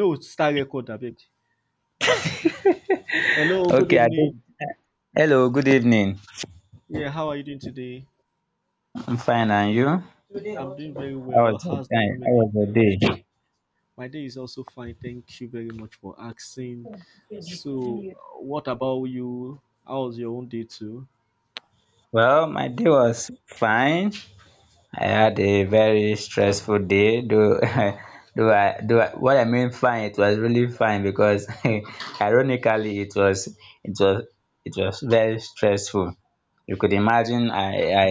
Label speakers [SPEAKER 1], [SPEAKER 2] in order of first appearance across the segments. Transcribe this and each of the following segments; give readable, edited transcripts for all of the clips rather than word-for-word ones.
[SPEAKER 1] No, star record. I Hello, good
[SPEAKER 2] Okay, I did.
[SPEAKER 1] evening.
[SPEAKER 2] Hello, good evening.
[SPEAKER 1] Yeah, how are you doing today?
[SPEAKER 2] I'm fine, and you? How
[SPEAKER 1] I'm doing very
[SPEAKER 2] was
[SPEAKER 1] well.
[SPEAKER 2] your
[SPEAKER 1] How's the
[SPEAKER 2] day?
[SPEAKER 1] family? My day is also fine. Thank you very much for asking. So, what about you? How was your own day too?
[SPEAKER 2] Well, my day was fine. I had a very stressful day. Though, though I, what I mean fine, it was really fine because, ironically, it was it was very stressful. You could imagine I I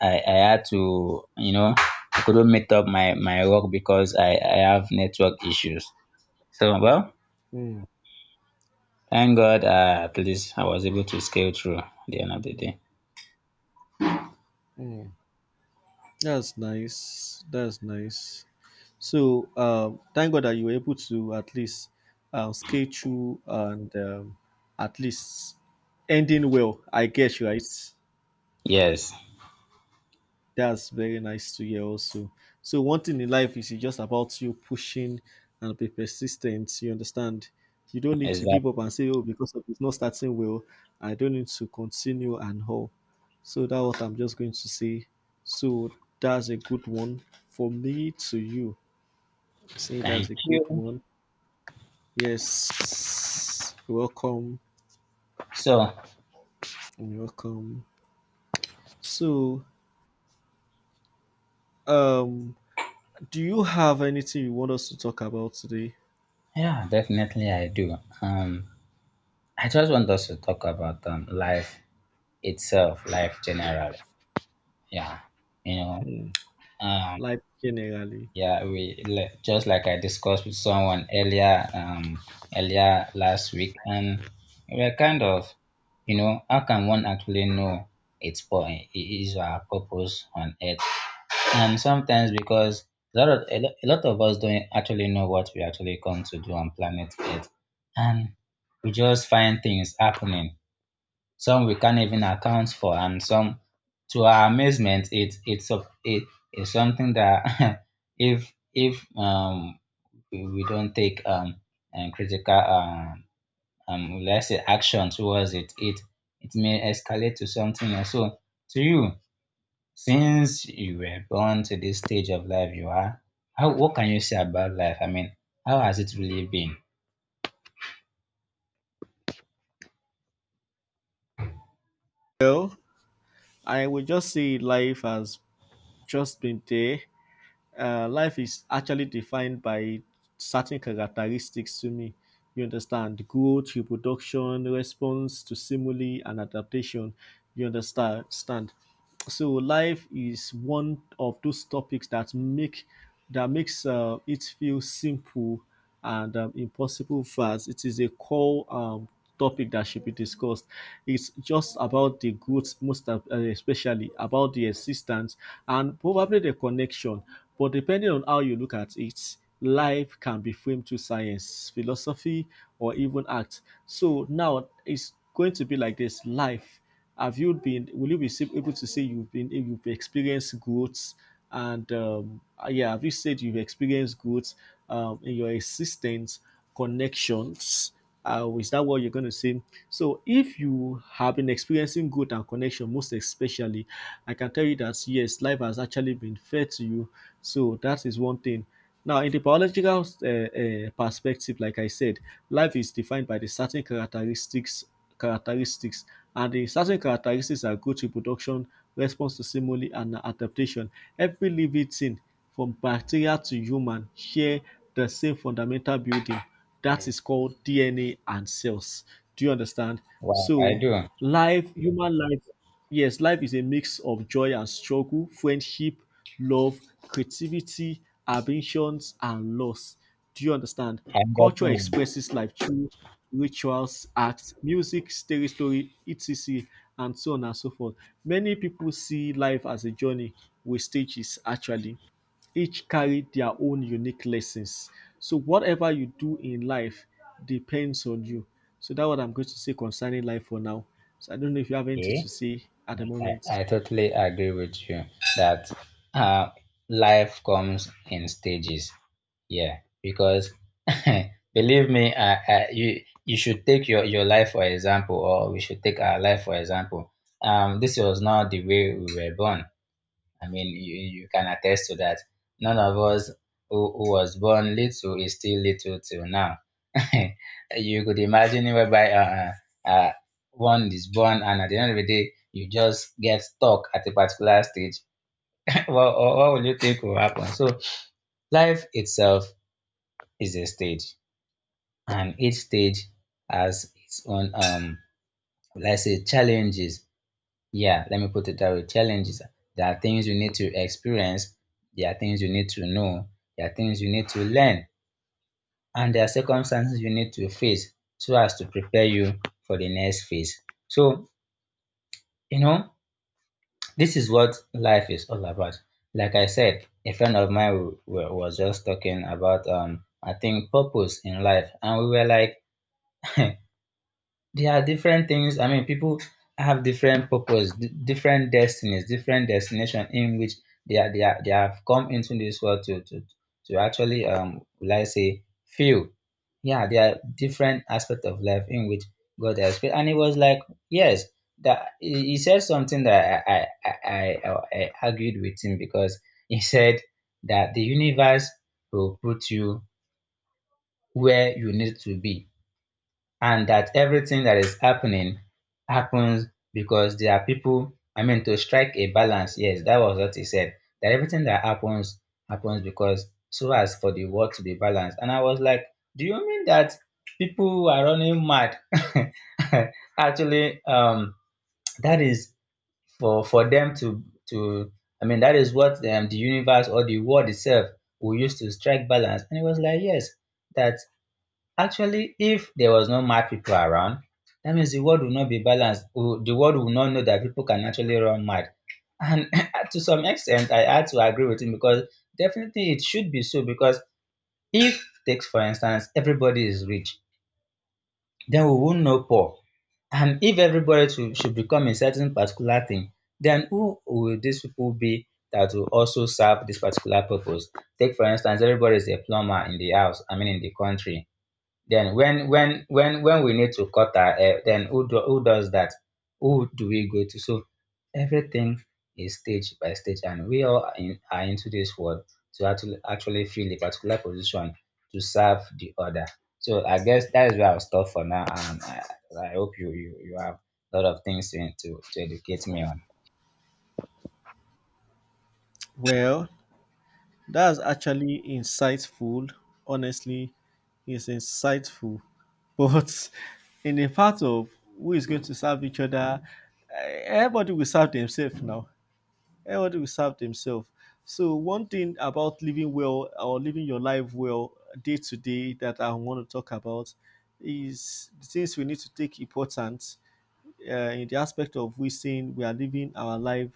[SPEAKER 2] I, I had to I couldn't meet up my work because I have network issues. So well.
[SPEAKER 1] Mm,
[SPEAKER 2] Thank God, at least I was able to scale through at the end of the day.
[SPEAKER 1] mm. That's nice. That's nice. So, thank God that you were able to at least scale through and at least ending well. I guess, right?
[SPEAKER 2] Yes,
[SPEAKER 1] That's very nice to hear also. So one thing in life is it's just about you pushing and be persistent. You understand? You don't need to give up
[SPEAKER 2] exactly.
[SPEAKER 1] and say, oh, because of it's not starting well, I don't need to continue and all. So that's what I'm just going to say. So that's a good one for me to you. Say that's
[SPEAKER 2] Thank
[SPEAKER 1] a good
[SPEAKER 2] you.
[SPEAKER 1] one. Yes. You're welcome.
[SPEAKER 2] So,
[SPEAKER 1] You're welcome. So um do you have anything you want us to talk about today?
[SPEAKER 2] yeah, definitely I do. I just want us to talk about life itself, life generally. Yeah, you know,
[SPEAKER 1] Hmm.
[SPEAKER 2] um,
[SPEAKER 1] Life generally.
[SPEAKER 2] yeah, just like I discussed with someone earlier, earlier last week, and we're kind of, you know, how can one actually know its point, his or her purpose on earth? And sometimes because a lot of us don't actually know what we actually come to do on planet Earth, and we just find things happening. Some we can't even account for, and some, to our amazement, it is something that if we don't take and critical let's say action towards it, it may escalate to something else. So to you, since you were born to this stage of life you are, how what can you say about life? I mean, how has it really been?
[SPEAKER 1] Well, I would just see life as just been there. Life is actually defined by certain characteristics to me. You understand growth, reproduction, response to stimuli, and adaptation. You understand? Stand. So life is one of those topics that makes it feel simple and impossible verse. It is a core topic that should be discussed. It's just about the goods, especially about the existence and probably the connection. But depending on how you look at it, life can be framed through science, philosophy, or even art. So now it's going to be like this life have you been will you be able to say you've experienced growth and yeah, have you said you've experienced growth in your existence, connections, is that what you're going to say? So if you have been experiencing growth and connection most especially, I can tell you that yes, life has actually been fair to you. So that is one thing. Now in the biological perspective, like I said, life is defined by the certain characteristics, characteristics and the certain characteristics are growth, reproduction, response to stimuli, and adaptation. Every living thing from bacteria to human share the same fundamental building that is called DNA and cells. Do you understand?
[SPEAKER 2] Well, I
[SPEAKER 1] So
[SPEAKER 2] do.
[SPEAKER 1] life, human life, yes, life is a mix of joy and struggle, friendship, love, creativity, ambitions, and loss. Do you understand?
[SPEAKER 2] I'm
[SPEAKER 1] Culture
[SPEAKER 2] getting
[SPEAKER 1] expresses life through rituals, acts, music, story, etc., and so on and so forth. Many people see life as a journey with stages, actually. Each carry their own unique lessons. So, whatever you do in life depends on you. So, that's what I'm going to say concerning life for now. So, I don't know if you have anything
[SPEAKER 2] it. Okay.
[SPEAKER 1] to say at the moment.
[SPEAKER 2] I totally agree with you that uh, life comes in stages. Yeah, because believe me, you should take your life for example, or we should take our life for example. This was not the way we were born. I mean, you can attest to that. None of us who was born little is still little till now. You could imagine it whereby uh, uh, one is born and at the end of the day, you just get stuck at a particular stage. What will you think will happen? So life itself is a stage and each stage has its own, let's say, challenges. Yeah, let me put it that way. Challenges. There are things you need to experience, there are things you need to know, there are things you need to learn, and there are circumstances you need to face so as to prepare you for the next phase. So, you know, this is what life is all about. Like I said, a friend of mine was just talking about, I think, purpose in life, and we were like, there are different things. I mean, people have different purpose, different destinies, different destination in which they have come into this world to actually will I say feel. Yeah, there are different aspects of life in which God has created, and it was like yes, that he said something that I argued with him because he said that the universe will put you where you need to be, and that everything that is happening happens because there are people, I mean, to strike a balance. Yes, that was what he said, that everything that happens happens because, so as for the world to be balanced. And I was like, do you mean that people who are running mad actually that is for them to, I mean, that is what, the universe or the world itself will use to strike balance. And it was like yes, that actually if there was no mad people around, that means the world would not be balanced. The world would not know that people can actually run mad. And to some extent I had to agree with him because definitely it should be so, because if takes for instance everybody is rich, then we won't know poor. And if everybody should become a certain particular thing, then who will these people be that will also serve this particular purpose? Take for instance everybody is a plumber in the house, I mean in the country, then when we need to cut our hair, then who does that, who do we go to? So everything is stage by stage, and we all are into this world to actually fill a particular position to serve the other. So I guess that is where I'll stop for now, and I hope you have a lot of things to, to educate me on.
[SPEAKER 1] Well, that's actually insightful. Honestly, it's insightful. But in the part of who is going to serve each other, everybody will serve themselves now. Everybody will serve themselves. So one thing about living well or living your life well day to day that I want to talk about is the things we need to take important in the aspect of we saying we are living our life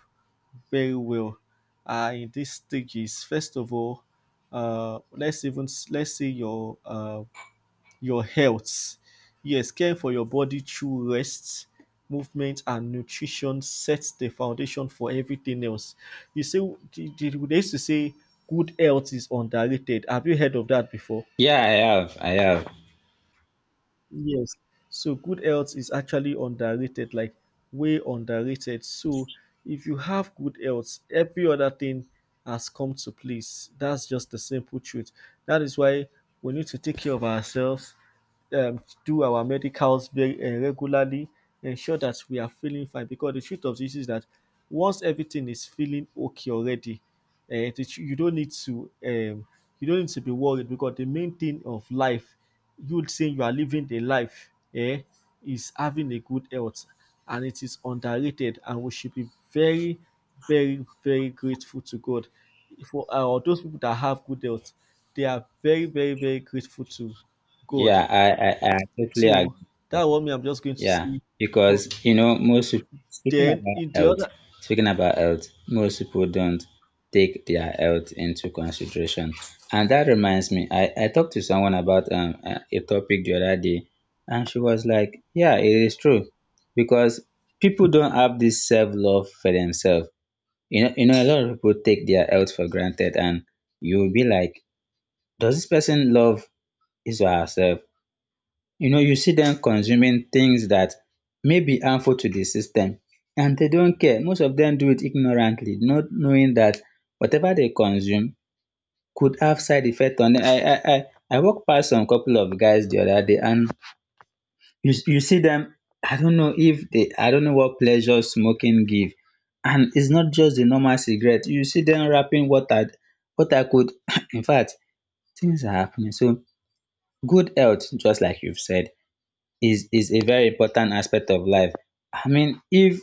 [SPEAKER 1] very well in these stages. First of all, let's say your health. Yes, care for your body through rest, movement, and nutrition sets the foundation for everything else. You say they used to say good health is underrated. Have you heard of that before?
[SPEAKER 2] Yeah, I have. I have.
[SPEAKER 1] Yes. So good health is actually underrated, like way underrated. So if you have good health, every other thing has come to place. That's just the simple truth. That is why we need to take care of ourselves, do our medicals very regularly, ensure that we are feeling fine. Because the truth of this is that once everything is feeling okay already, you don't need to you don't need to be worried, because the main thing of life, you saying you are living the life, is having a good health, and it is underrated, and we should be very, very, very grateful to God for those people that have good health. They are very, very, very grateful to God.
[SPEAKER 2] Yeah, I totally
[SPEAKER 1] So
[SPEAKER 2] agree.
[SPEAKER 1] that one, me, I'm just going to
[SPEAKER 2] Yeah,
[SPEAKER 1] see, but
[SPEAKER 2] because you know, most people,
[SPEAKER 1] then in the other.
[SPEAKER 2] speaking about health, most people don't take their health into consideration. And that reminds me, I talked to someone about a topic the other day, and she was like, "Yeah, it is true, because people don't have this self-love for themselves. You know, a lot of people take their health for granted, and you'll be like, does this person love his or herself? You know, you see them consuming things that may be harmful to the system, and they don't care. Most of them do it ignorantly, not knowing that whatever they consume could have side effect on them. I walked past some couple of guys the other day, and you see them. I don't know if they, I don't know what pleasure smoking give, and it's not just the normal cigarette. You see them wrapping water, water could in fact, things are happening. So good health, just like you've said, is a very important aspect of life. I mean, if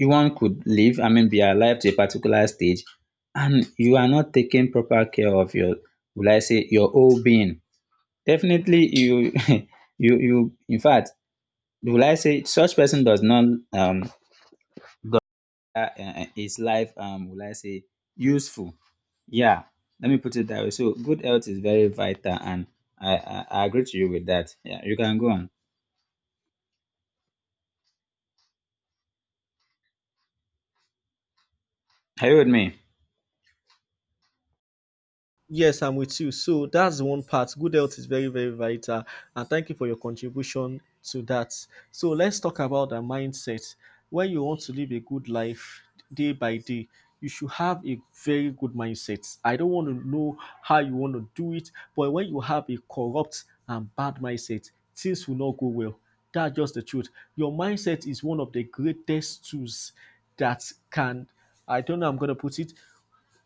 [SPEAKER 2] one could live, I mean, be alive to a particular stage, and you are not taking proper care of your, will I say, your whole being, definitely you you in fact, will I say such person does not um his life will I say useful. Yeah, let me put it that way. So good health is very vital, and I agree to you with that. Yeah, you can go on. Are you with me?
[SPEAKER 1] Yes, I'm with you. So that's one part. Good health is very, very vital. And thank you for your contribution to that. So let's talk about the mindset. When you want to live a good life day by day, you should have a very good mindset. I don't want to know how you want to do it, but when you have a corrupt and bad mindset, things will not go well. That's just the truth. Your mindset is one of the greatest tools that can, I don't know how I'm gonna put it,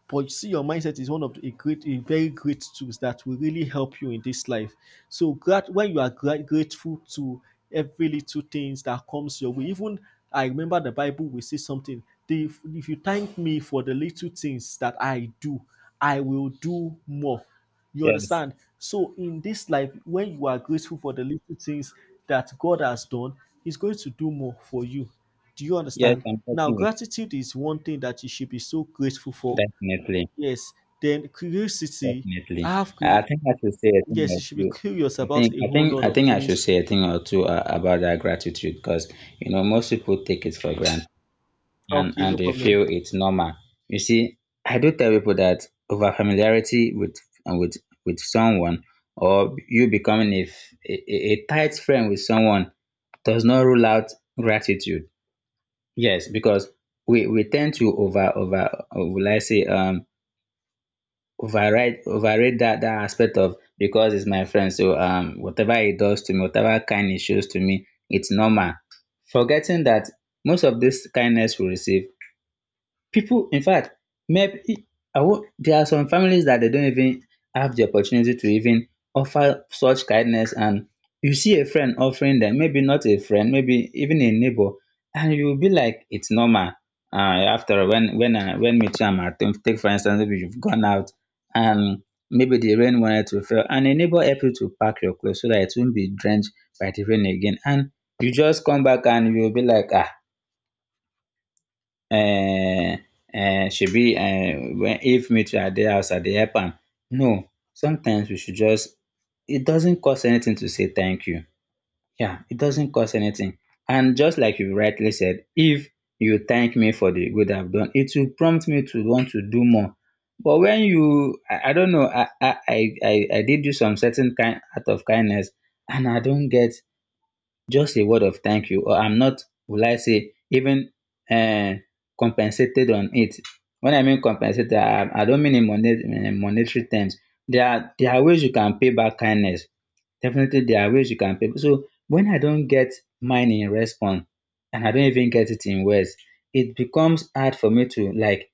[SPEAKER 1] but you see, your mindset is one of the, a great, a very great tools that will really help you in this life. So when you are grateful to every little things that comes your way, even I remember the Bible will say something. If you thank me for the little things that I do, I will do more. You
[SPEAKER 2] Yes.
[SPEAKER 1] understand? So in this life, when you are grateful for the little things that God has done, He's going to do more for you. Do you
[SPEAKER 2] Yes,
[SPEAKER 1] understand? Now,
[SPEAKER 2] unfortunately,
[SPEAKER 1] gratitude is one thing that you should be so grateful for.
[SPEAKER 2] definitely,
[SPEAKER 1] Yes, then curiosity. I
[SPEAKER 2] definitely.
[SPEAKER 1] have cu-
[SPEAKER 2] I think I should say a thing
[SPEAKER 1] yes,
[SPEAKER 2] or
[SPEAKER 1] you should be
[SPEAKER 2] two.
[SPEAKER 1] curious about a whole lot
[SPEAKER 2] I
[SPEAKER 1] of
[SPEAKER 2] think I
[SPEAKER 1] things.
[SPEAKER 2] should say a thing or two about that gratitude because you know most people take it for granted,
[SPEAKER 1] Okay,
[SPEAKER 2] and
[SPEAKER 1] no
[SPEAKER 2] they
[SPEAKER 1] problem.
[SPEAKER 2] feel it's normal. You see, I do tell people that over familiarity with uh, with with someone, or you becoming a, a tight friend with someone does not rule out gratitude. Yes, because we tend to over over, over, let's say, override, overrate that aspect of, because it's my friend, so whatever he does to me, whatever kind he shows to me, it's normal, forgetting that most of this kindness we receive, people, in fact, maybe, there are some families that they don't even have the opportunity to even offer such kindness. And you see a friend offering them, maybe not a friend, maybe even a neighbor, and you will be like it's normal. um after all, when I, when me too am at home, take for instance, maybe you've gone out, and maybe the rain wanted to fall, and a neighbor help you to pack your clothes so that it won't be drenched by the rain again, and you just come back and you will be like, ah, um um shebi, when if meatware dey house I dey help am. No, sometimes we should just, it doesn't cost anything to say thank you. Yeah, it doesn't cost anything. And just like you rightly said, if you thank me for the good I've done, it will prompt me to want to do more. But when you, I don't know, I did you some certain kind act of kindness, and I don't get just a word of thank you, or I'm not, will I say, even um compensated on it. When I mean compensated, I don't mean in monetary, monetary terms. There are ways you can pay back kindness. Definitely, there are ways you can pay. So when I don't get mine in response, and I don't even get it in words, it becomes hard for me to like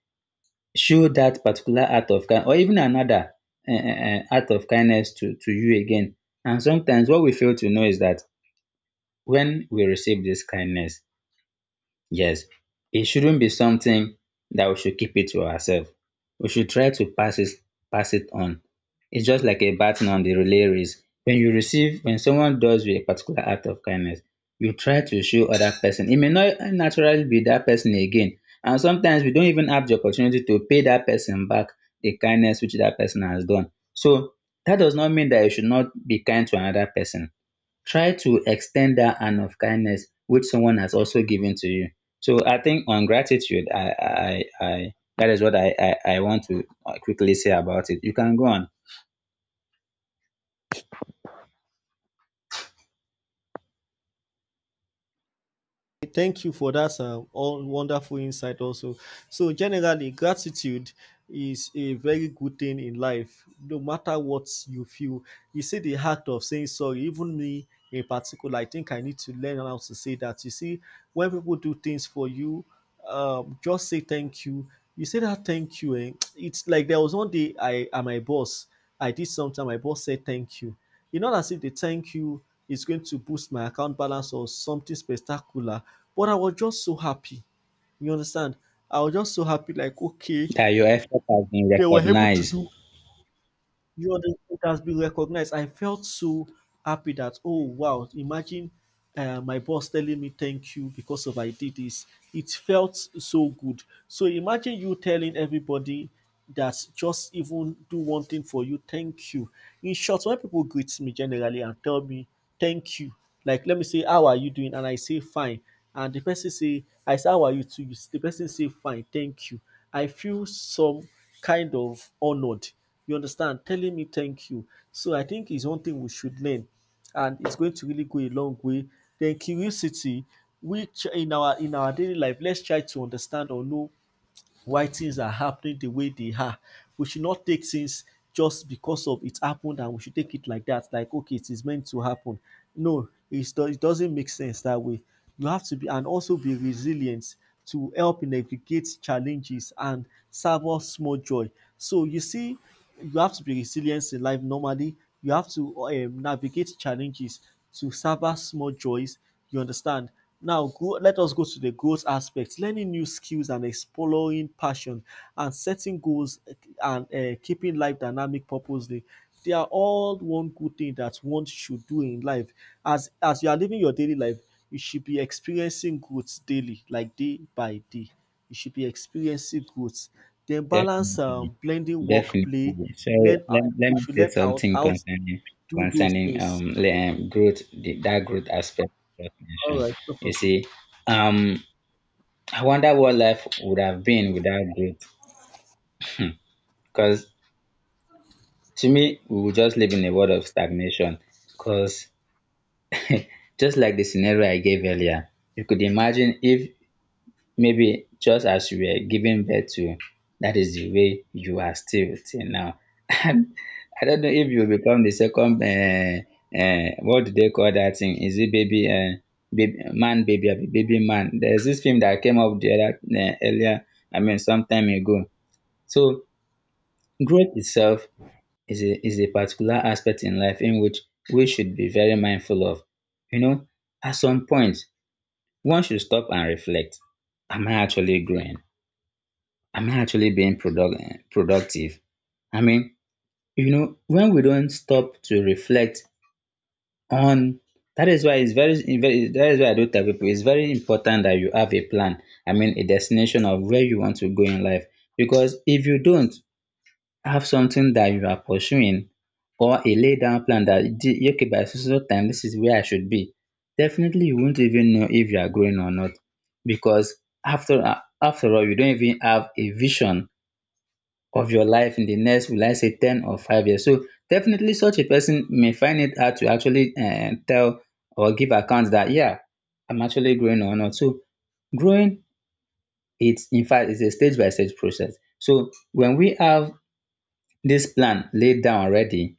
[SPEAKER 2] show that particular act of kind, or even another act of kindness to you again. And sometimes what we fail to know is that when we receive this kindness, yes, it shouldn't be something that we should keep it to ourselves. We should try to pass it, pass it on. It's just like a baton on the relay race. When someone does you a particular act of kindness, you try to show other person. It may not naturally be that person again. And sometimes we don't even have the opportunity to pay that person back the kindness which that person has done. So that does not mean that you should not be kind to another person. Try to extend that hand of kindness which someone has also given to you. So I think on gratitude, I that is what I want to quickly say about it. You can go on.
[SPEAKER 1] Thank you for that all wonderful insight also. So generally gratitude is a very good thing in life no matter what you feel. You see the act of saying sorry, even me in particular, I think I need to learn how to say that. You see, when people do things for you, just say thank you. You say that thank you and it's like there was one day, I and my boss, I did something, my boss said thank you. You know, as if the thank you is going to boost my account balance or something spectacular, but I was just so happy, you understand? I was just so happy, like, okay,
[SPEAKER 2] That your effort has been
[SPEAKER 1] they were able to
[SPEAKER 2] recognized.
[SPEAKER 1] do, you know, it has been recognized. I felt so happy that, oh wow, imagine my boss telling me thank you because of I did this. It felt so good. So imagine you telling everybody that just even do one thing for you, thank you. In short, when people greet me generally and tell me thank you, like let me say how are you doing, and I say fine, and the person say, I say how are you too, the person say fine, thank you. I feel some kind of honored. You understand? Telling me thank you. So I think it's one thing we should learn, and it's going to really go a long way. Then curiosity, which in our daily life, let's try to understand or know why things are happening the way they are. We should not take things just because of it happened and we should take it like that, like okay, it is meant to happen. No, it doesn't make sense that way. You have to be and also be resilient to help navigate challenges and serve savour small joy. So you see, you have to be resilient in life normally. You have to navigate challenges to serve savour small joys, you understand? Now, let us go to the goals aspect. Learning new skills and exploring passion and setting goals and keeping life dynamic purposely. They are all one good thing that one should do in life. As you are living your daily life, you should be experiencing growth daily, like day by day. You should be experiencing growth. Then balance,
[SPEAKER 2] Definitely.
[SPEAKER 1] blending work play.
[SPEAKER 2] Definitely so.
[SPEAKER 1] Learn
[SPEAKER 2] Let
[SPEAKER 1] We
[SPEAKER 2] me
[SPEAKER 1] should
[SPEAKER 2] say
[SPEAKER 1] learn out
[SPEAKER 2] something
[SPEAKER 1] out
[SPEAKER 2] concerning
[SPEAKER 1] do those
[SPEAKER 2] concerning
[SPEAKER 1] things.
[SPEAKER 2] growth, that growth aspect you just
[SPEAKER 1] All
[SPEAKER 2] mentioned.
[SPEAKER 1] right, no
[SPEAKER 2] You
[SPEAKER 1] problem.
[SPEAKER 2] see, um I wonder what life would have been without growth, because to me, we will just live in a world of stagnation. Because just like the scenario I gave earlier, you could imagine if maybe just as you were giving birth to, that is the way you are still till now. And I don't know if you become the second, what do they call that thing? Is it baby, baby man, baby, abi baby man? There's this film that came up the other, earlier, I mean, some time ago. So growth itself is a particular aspect in life in which we should be very mindful of. You know, at some point, one should stop and reflect. Am I actually growing? Am I actually being productive? I mean, you know, when we don't stop to reflect on, that is why it's very that is why I do tell people it's very important that you have a plan. I mean, a destination of where you want to go in life. Because if you don't have something that you are pursuing or a laid down plan that, "Thi- okay, by so so time this is where I should be," definitely you won't even know if you are growing or not, because after all you don't even have a vision of your life in the next, will I say, 10 or 5 years. So definitely such a person may find it hard to actually tell or give account that, yeah, I'm actually growing or not. So growing, it's in fact is a stage by stage process. So when we have this plan laid down already,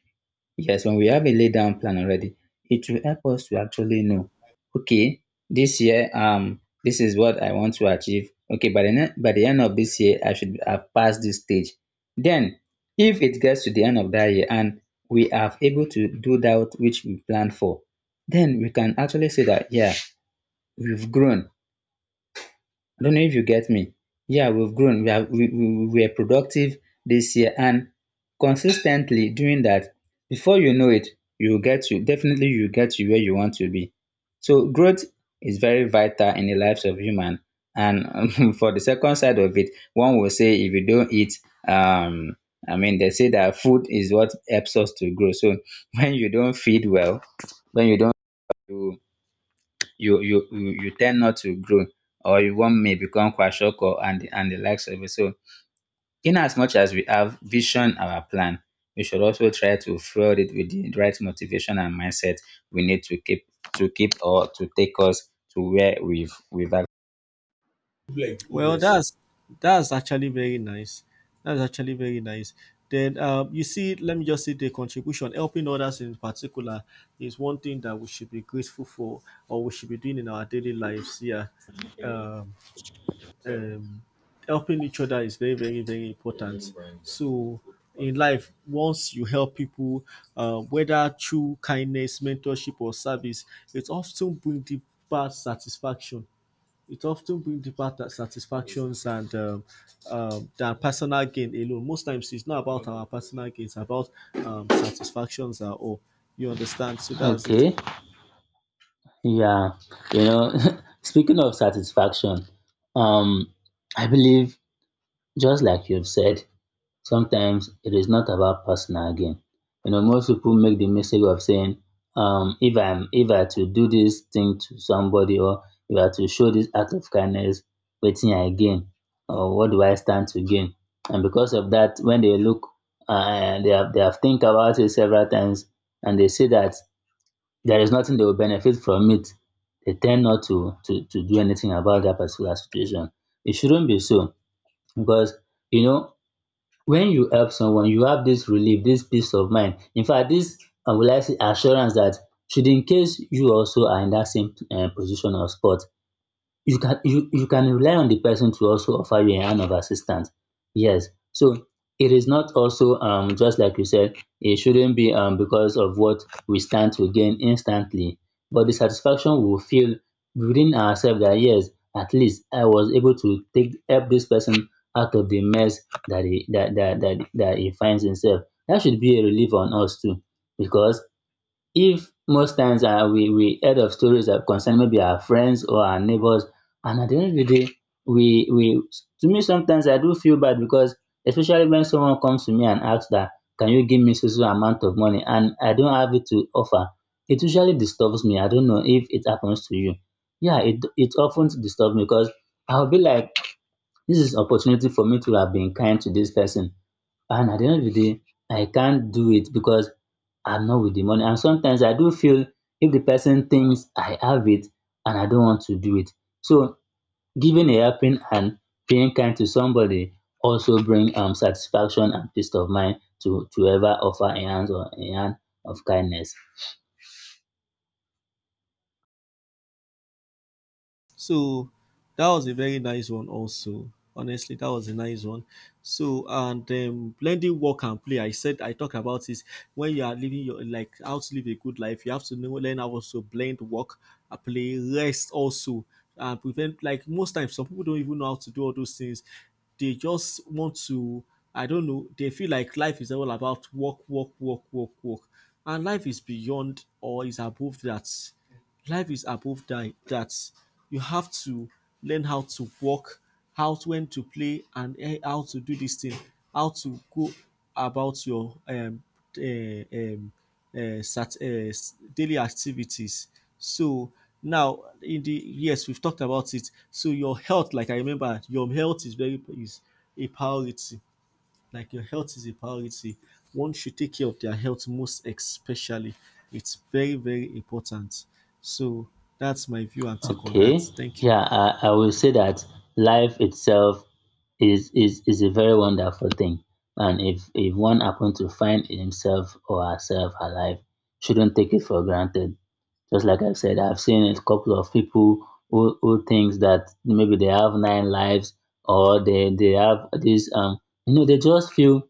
[SPEAKER 2] yes, when we have a laid down plan already, it will help us to actually know, okay, this year, this is what I want to achieve. Okay, by the end of this year I should have passed this stage. Then if it gets to the end of that year and we are able to do that which we planned for, then we can actually say that, yeah, we've grown. I don't know if you get me. Yeah, we've grown. We, have, we were productive this year and consistently doing that. Before you know it, you will get you definitely you will get to where you want to be. So growth is very vital in the lives of human. And for the second side of it, one will say if you don't eat, um, I mean they say that food is what helps us to grow. So when you don't feed well, when you don't, you tend not to grow, or you one may become kwashiorkor and the likes of it. So in as much as we have vision, our plan, we should also try to fuel it with the right motivation and mindset we need to keep or to take us to where we've ac-
[SPEAKER 1] Like well, years, that's actually very nice. That's actually very nice. Then you see, let me just say the contribution, helping others in particular, is one thing that we should be grateful for, or we should be doing in our daily lives. Yeah, um, So helping each other is very, very, very important. So in life, once you help people, whether through kindness, mentorship, or service, it often brings deep satisfaction it often brings deeper satisfactions and than personal gain alone. Most times, it's not about our personal gain; it's about satisfactions and all. You understand? So that's it.
[SPEAKER 2] Okay, yeah, you know, speaking of satisfaction, um, I believe, just like you've said, sometimes it is not about personal gain. You know, most people make the mistake of saying, if I'm if I to do this thing to somebody, or if I to show this act of kindness, waiting I gain, or what do I stand to gain? And because of that, when they look, they have think about it several times, and they see that there is nothing they will benefit from it, they tend not to do anything about that particular situation. It shouldn't be so, because, you know, when you help someone you have this relief, this peace of mind. In fact, this, will I say, assurance that should in case you also are in that same position or spot, you can, you can rely on the person to also offer you a hand of assistance. Yes, so it is not also, just like you said, it shouldn't be, because of what we stand to gain instantly, but the satisfaction we will feel within ourselves, that yes, at least I was able to take help this person out of the mess that he that that that, that he finds himself. That should be a relief on us too, because, if most times, ah, we heard of stories that concern maybe our friends or our neighbors, and at the end of the day, we, to me sometimes I do feel bad, because, especially when someone comes to me and asks that, can you give me so so amount of money and I don't have it to offer, it usually disturbs me. I don't know if it happens to you. Yeah, it often disturbs me, because I'll be like, this is opportunity for me to have been kind to this person, and at the end of the day I can't do it, because I'm not with the money. And sometimes I do feel, if the person thinks I have it and I don't want to do it. So giving a helping hand, being kind to somebody also bring satisfaction and peace of mind, to ever offer a hand of kindness.
[SPEAKER 1] So that was a very nice one also. Honestly, that was a nice one. So and blending work and play. I said I talk about this when you are living your, like how to live a good life. You have to know learn how to blend work, and play, rest also, and prevent, like most times some people don't even know how to do all those things. They just want to. I don't know. They feel like life is all about work, work, work, work, work, and life is beyond or is above that, life is above that, that. You have to learn how to walk, how to, when to play, and how to do this thing, how to go about your eh, um, daily activities. So now, in the, yes, we've talked about it. So your health, like I remember, your health is very is a priority, like your health is a priority. One should take care of their health most especially. It's very, very important. So that's my view and take on that.
[SPEAKER 2] Okay.
[SPEAKER 1] Thank you.
[SPEAKER 2] Yeah, I will say that life itself is a very wonderful thing. And if one happens to find himself or herself alive, shouldn't take it for granted. Just like I said, I've seen a couple of people who thinks that maybe they have nine lives, or they have this, you know, they just feel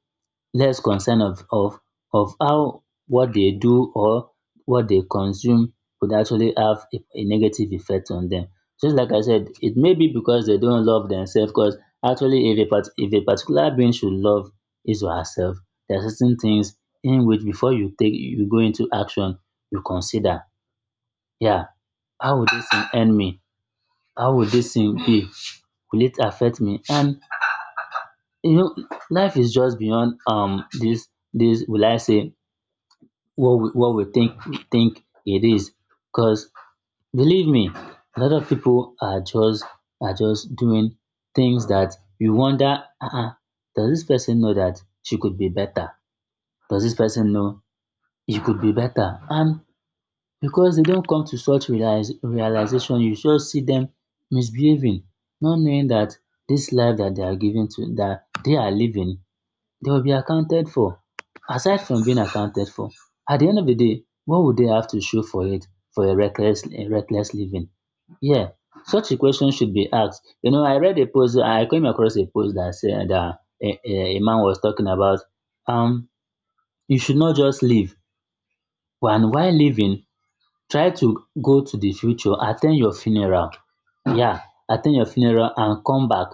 [SPEAKER 2] less concern of of how what they do or what they consume could actually have a negative effect on them. Just like I said, it may be because they don't love themselves. Because actually, if a particular being should love his or herself, there are certain things in which before you take you go into action, you consider, yeah, how would this thing end me? How would this thing be? Will it affect me? And, you know, life is just beyond, this, this will I say, what what we think it is. Because, believe me, a lot of people are just, doing things that you wonder, uh-uh, does this person know that she could be better, does this person know he could be better, and because they don't come to such realization, you just see them misbehaving, not knowing that this life that they are given to that they are living, they will be accounted for. Aside from being accounted for, at the end of the day, what would they have to show for it, for a reckless living? Yeah, such a question should be asked. You know, I read a post. I came across a post that said that a, a man was talking about, um you should not just live, and while living, try to go to the future, attend your funeral. Yeah, attend your funeral and come back.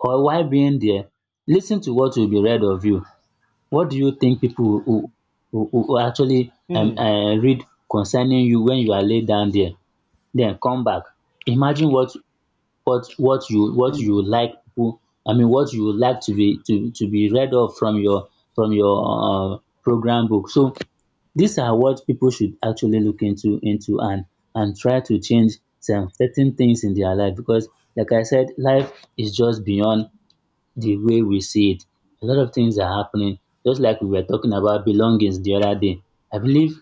[SPEAKER 2] Or while being there, lis ten to what will be read of you. What do you think people who will actually,
[SPEAKER 1] Hmm.
[SPEAKER 2] read concerning you when you are laid down there, then come back. Imagine what what
[SPEAKER 1] Hmm.
[SPEAKER 2] you like people, I mean, what you would like to be, to be read of from your, from your, program book. So these are what people should actually look into and try to change some certain things in their life. Because, like I said, life is just beyond the way we see it. A lot of things are happening, just like we were talking about belongings the other day. I believe,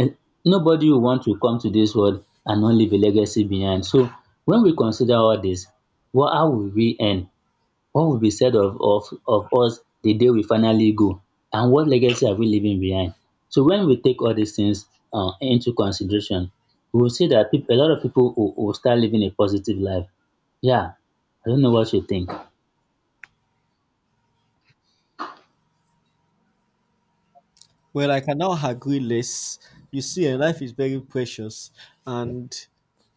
[SPEAKER 2] eh, nobody will want to come to this world and not leave a legacy behind. So when we consider all this, what how will we end? What will be said of, of us the day we finally go? And what legacy are we leaving behind? So when we take all these things into consideration, we will see that peop a lot of people will start living a positive life. Yeah, I don't know what you think.
[SPEAKER 1] Well, I can now agree less. You see, life is very precious, and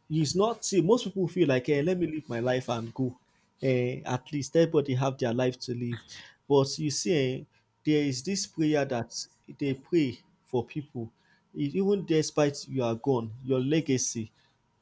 [SPEAKER 1] it's not, see most people feel like, let me live my life and go. At least everybody have their life to live. But you see, there is this prayer that they pray for people. Even despite you are gone, your legacy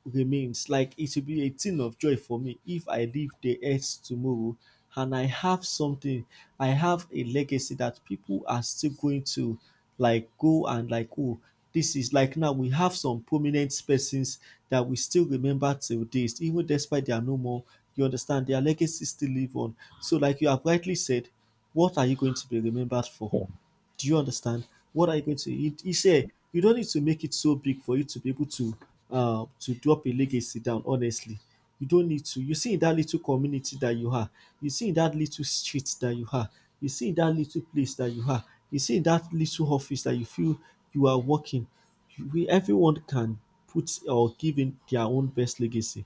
[SPEAKER 1] remains. Like, it will be a thing of joy for me if I leave the earth tomorrow and I have something, I have a legacy that people are still going to like go and like, oh, this is like, now we have some prominent persons that we still remember till this, even despite they are no more. You understand, their legacy still live on. So, like you have rightly said, what are you going to be remembered for? Do you understand? What are you going to? He said you don't need to make it so big for you to be able to drop a legacy down. Honestly, you don't need to. You see in that little community that you are, you see in that little street that you are, you see in that little place that you are, you see in that little office that you feel you are working. Everyone can put or give in their own best legacy.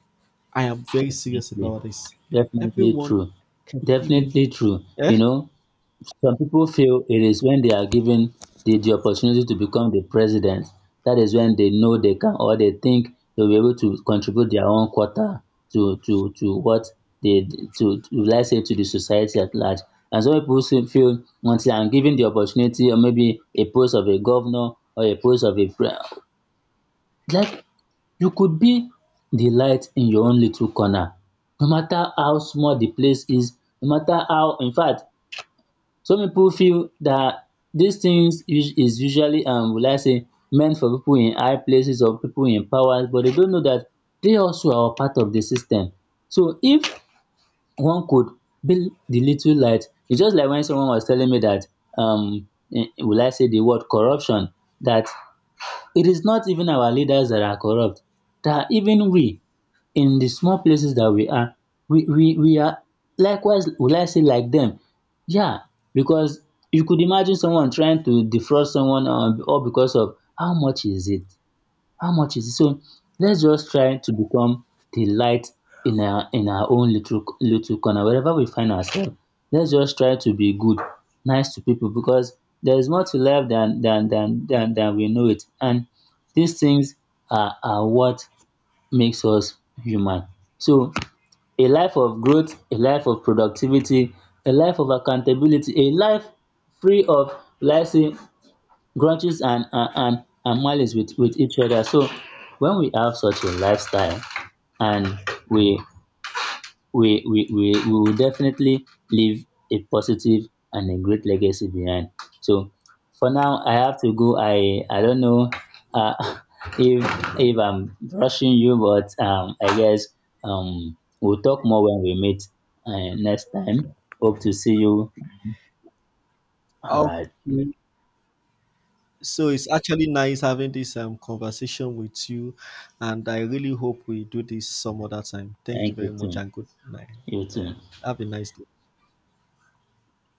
[SPEAKER 1] I am very serious
[SPEAKER 2] Definitely,
[SPEAKER 1] about this.
[SPEAKER 2] definitely
[SPEAKER 1] Everyone
[SPEAKER 2] true.
[SPEAKER 1] can give in.
[SPEAKER 2] Definitely true. You
[SPEAKER 1] Eh?
[SPEAKER 2] know, some people feel it is when they are given the opportunity to become the president, that is when they know they can, or they think they'll be able to contribute their own quarter to what they, to, let's say, to the society at large. And some people feel, once they are given the opportunity, or maybe a post of a governor or a post of a pre-, like, you could be the light in your own little corner, no matter how small the place is, no matter how, in fact, some people feel that these things is usually, will I say, meant for people in high places or people in powers, but they don't know that they also are part of the system. So if one could be the little light, it's just like when someone was telling me that, um will I say, the word corruption, that it is not even our leaders that are corrupt, that even we in the small places that we are, we are likewise, will I say, like them? Yeah, because you could imagine someone trying to defraud someone, all because of, how much is it? How much is it? So let's just try to become the light in our, own little corner. Wherever we find ourselves, let's just try to be good, nice to people, because there is more to life than we know it. And these things are what makes us human. So a life of growth, a life of productivity, a life of accountability, a life free of, let's say, grudges and malice with each other. So when we have such a lifestyle, and we, we will definitely leave a positive and a great legacy behind. So for now, I have to go. I don't know, uh, if, if I'm rushing you, but, I guess, we'll talk more when we meet, next time. Hope to see you. All right.
[SPEAKER 1] Okay. So it's actually nice having this conversation with you, and I really hope we do this some other time. Thank you
[SPEAKER 2] Thank
[SPEAKER 1] very
[SPEAKER 2] you
[SPEAKER 1] much,
[SPEAKER 2] too.
[SPEAKER 1] and good night,
[SPEAKER 2] You too.
[SPEAKER 1] and have a nice day.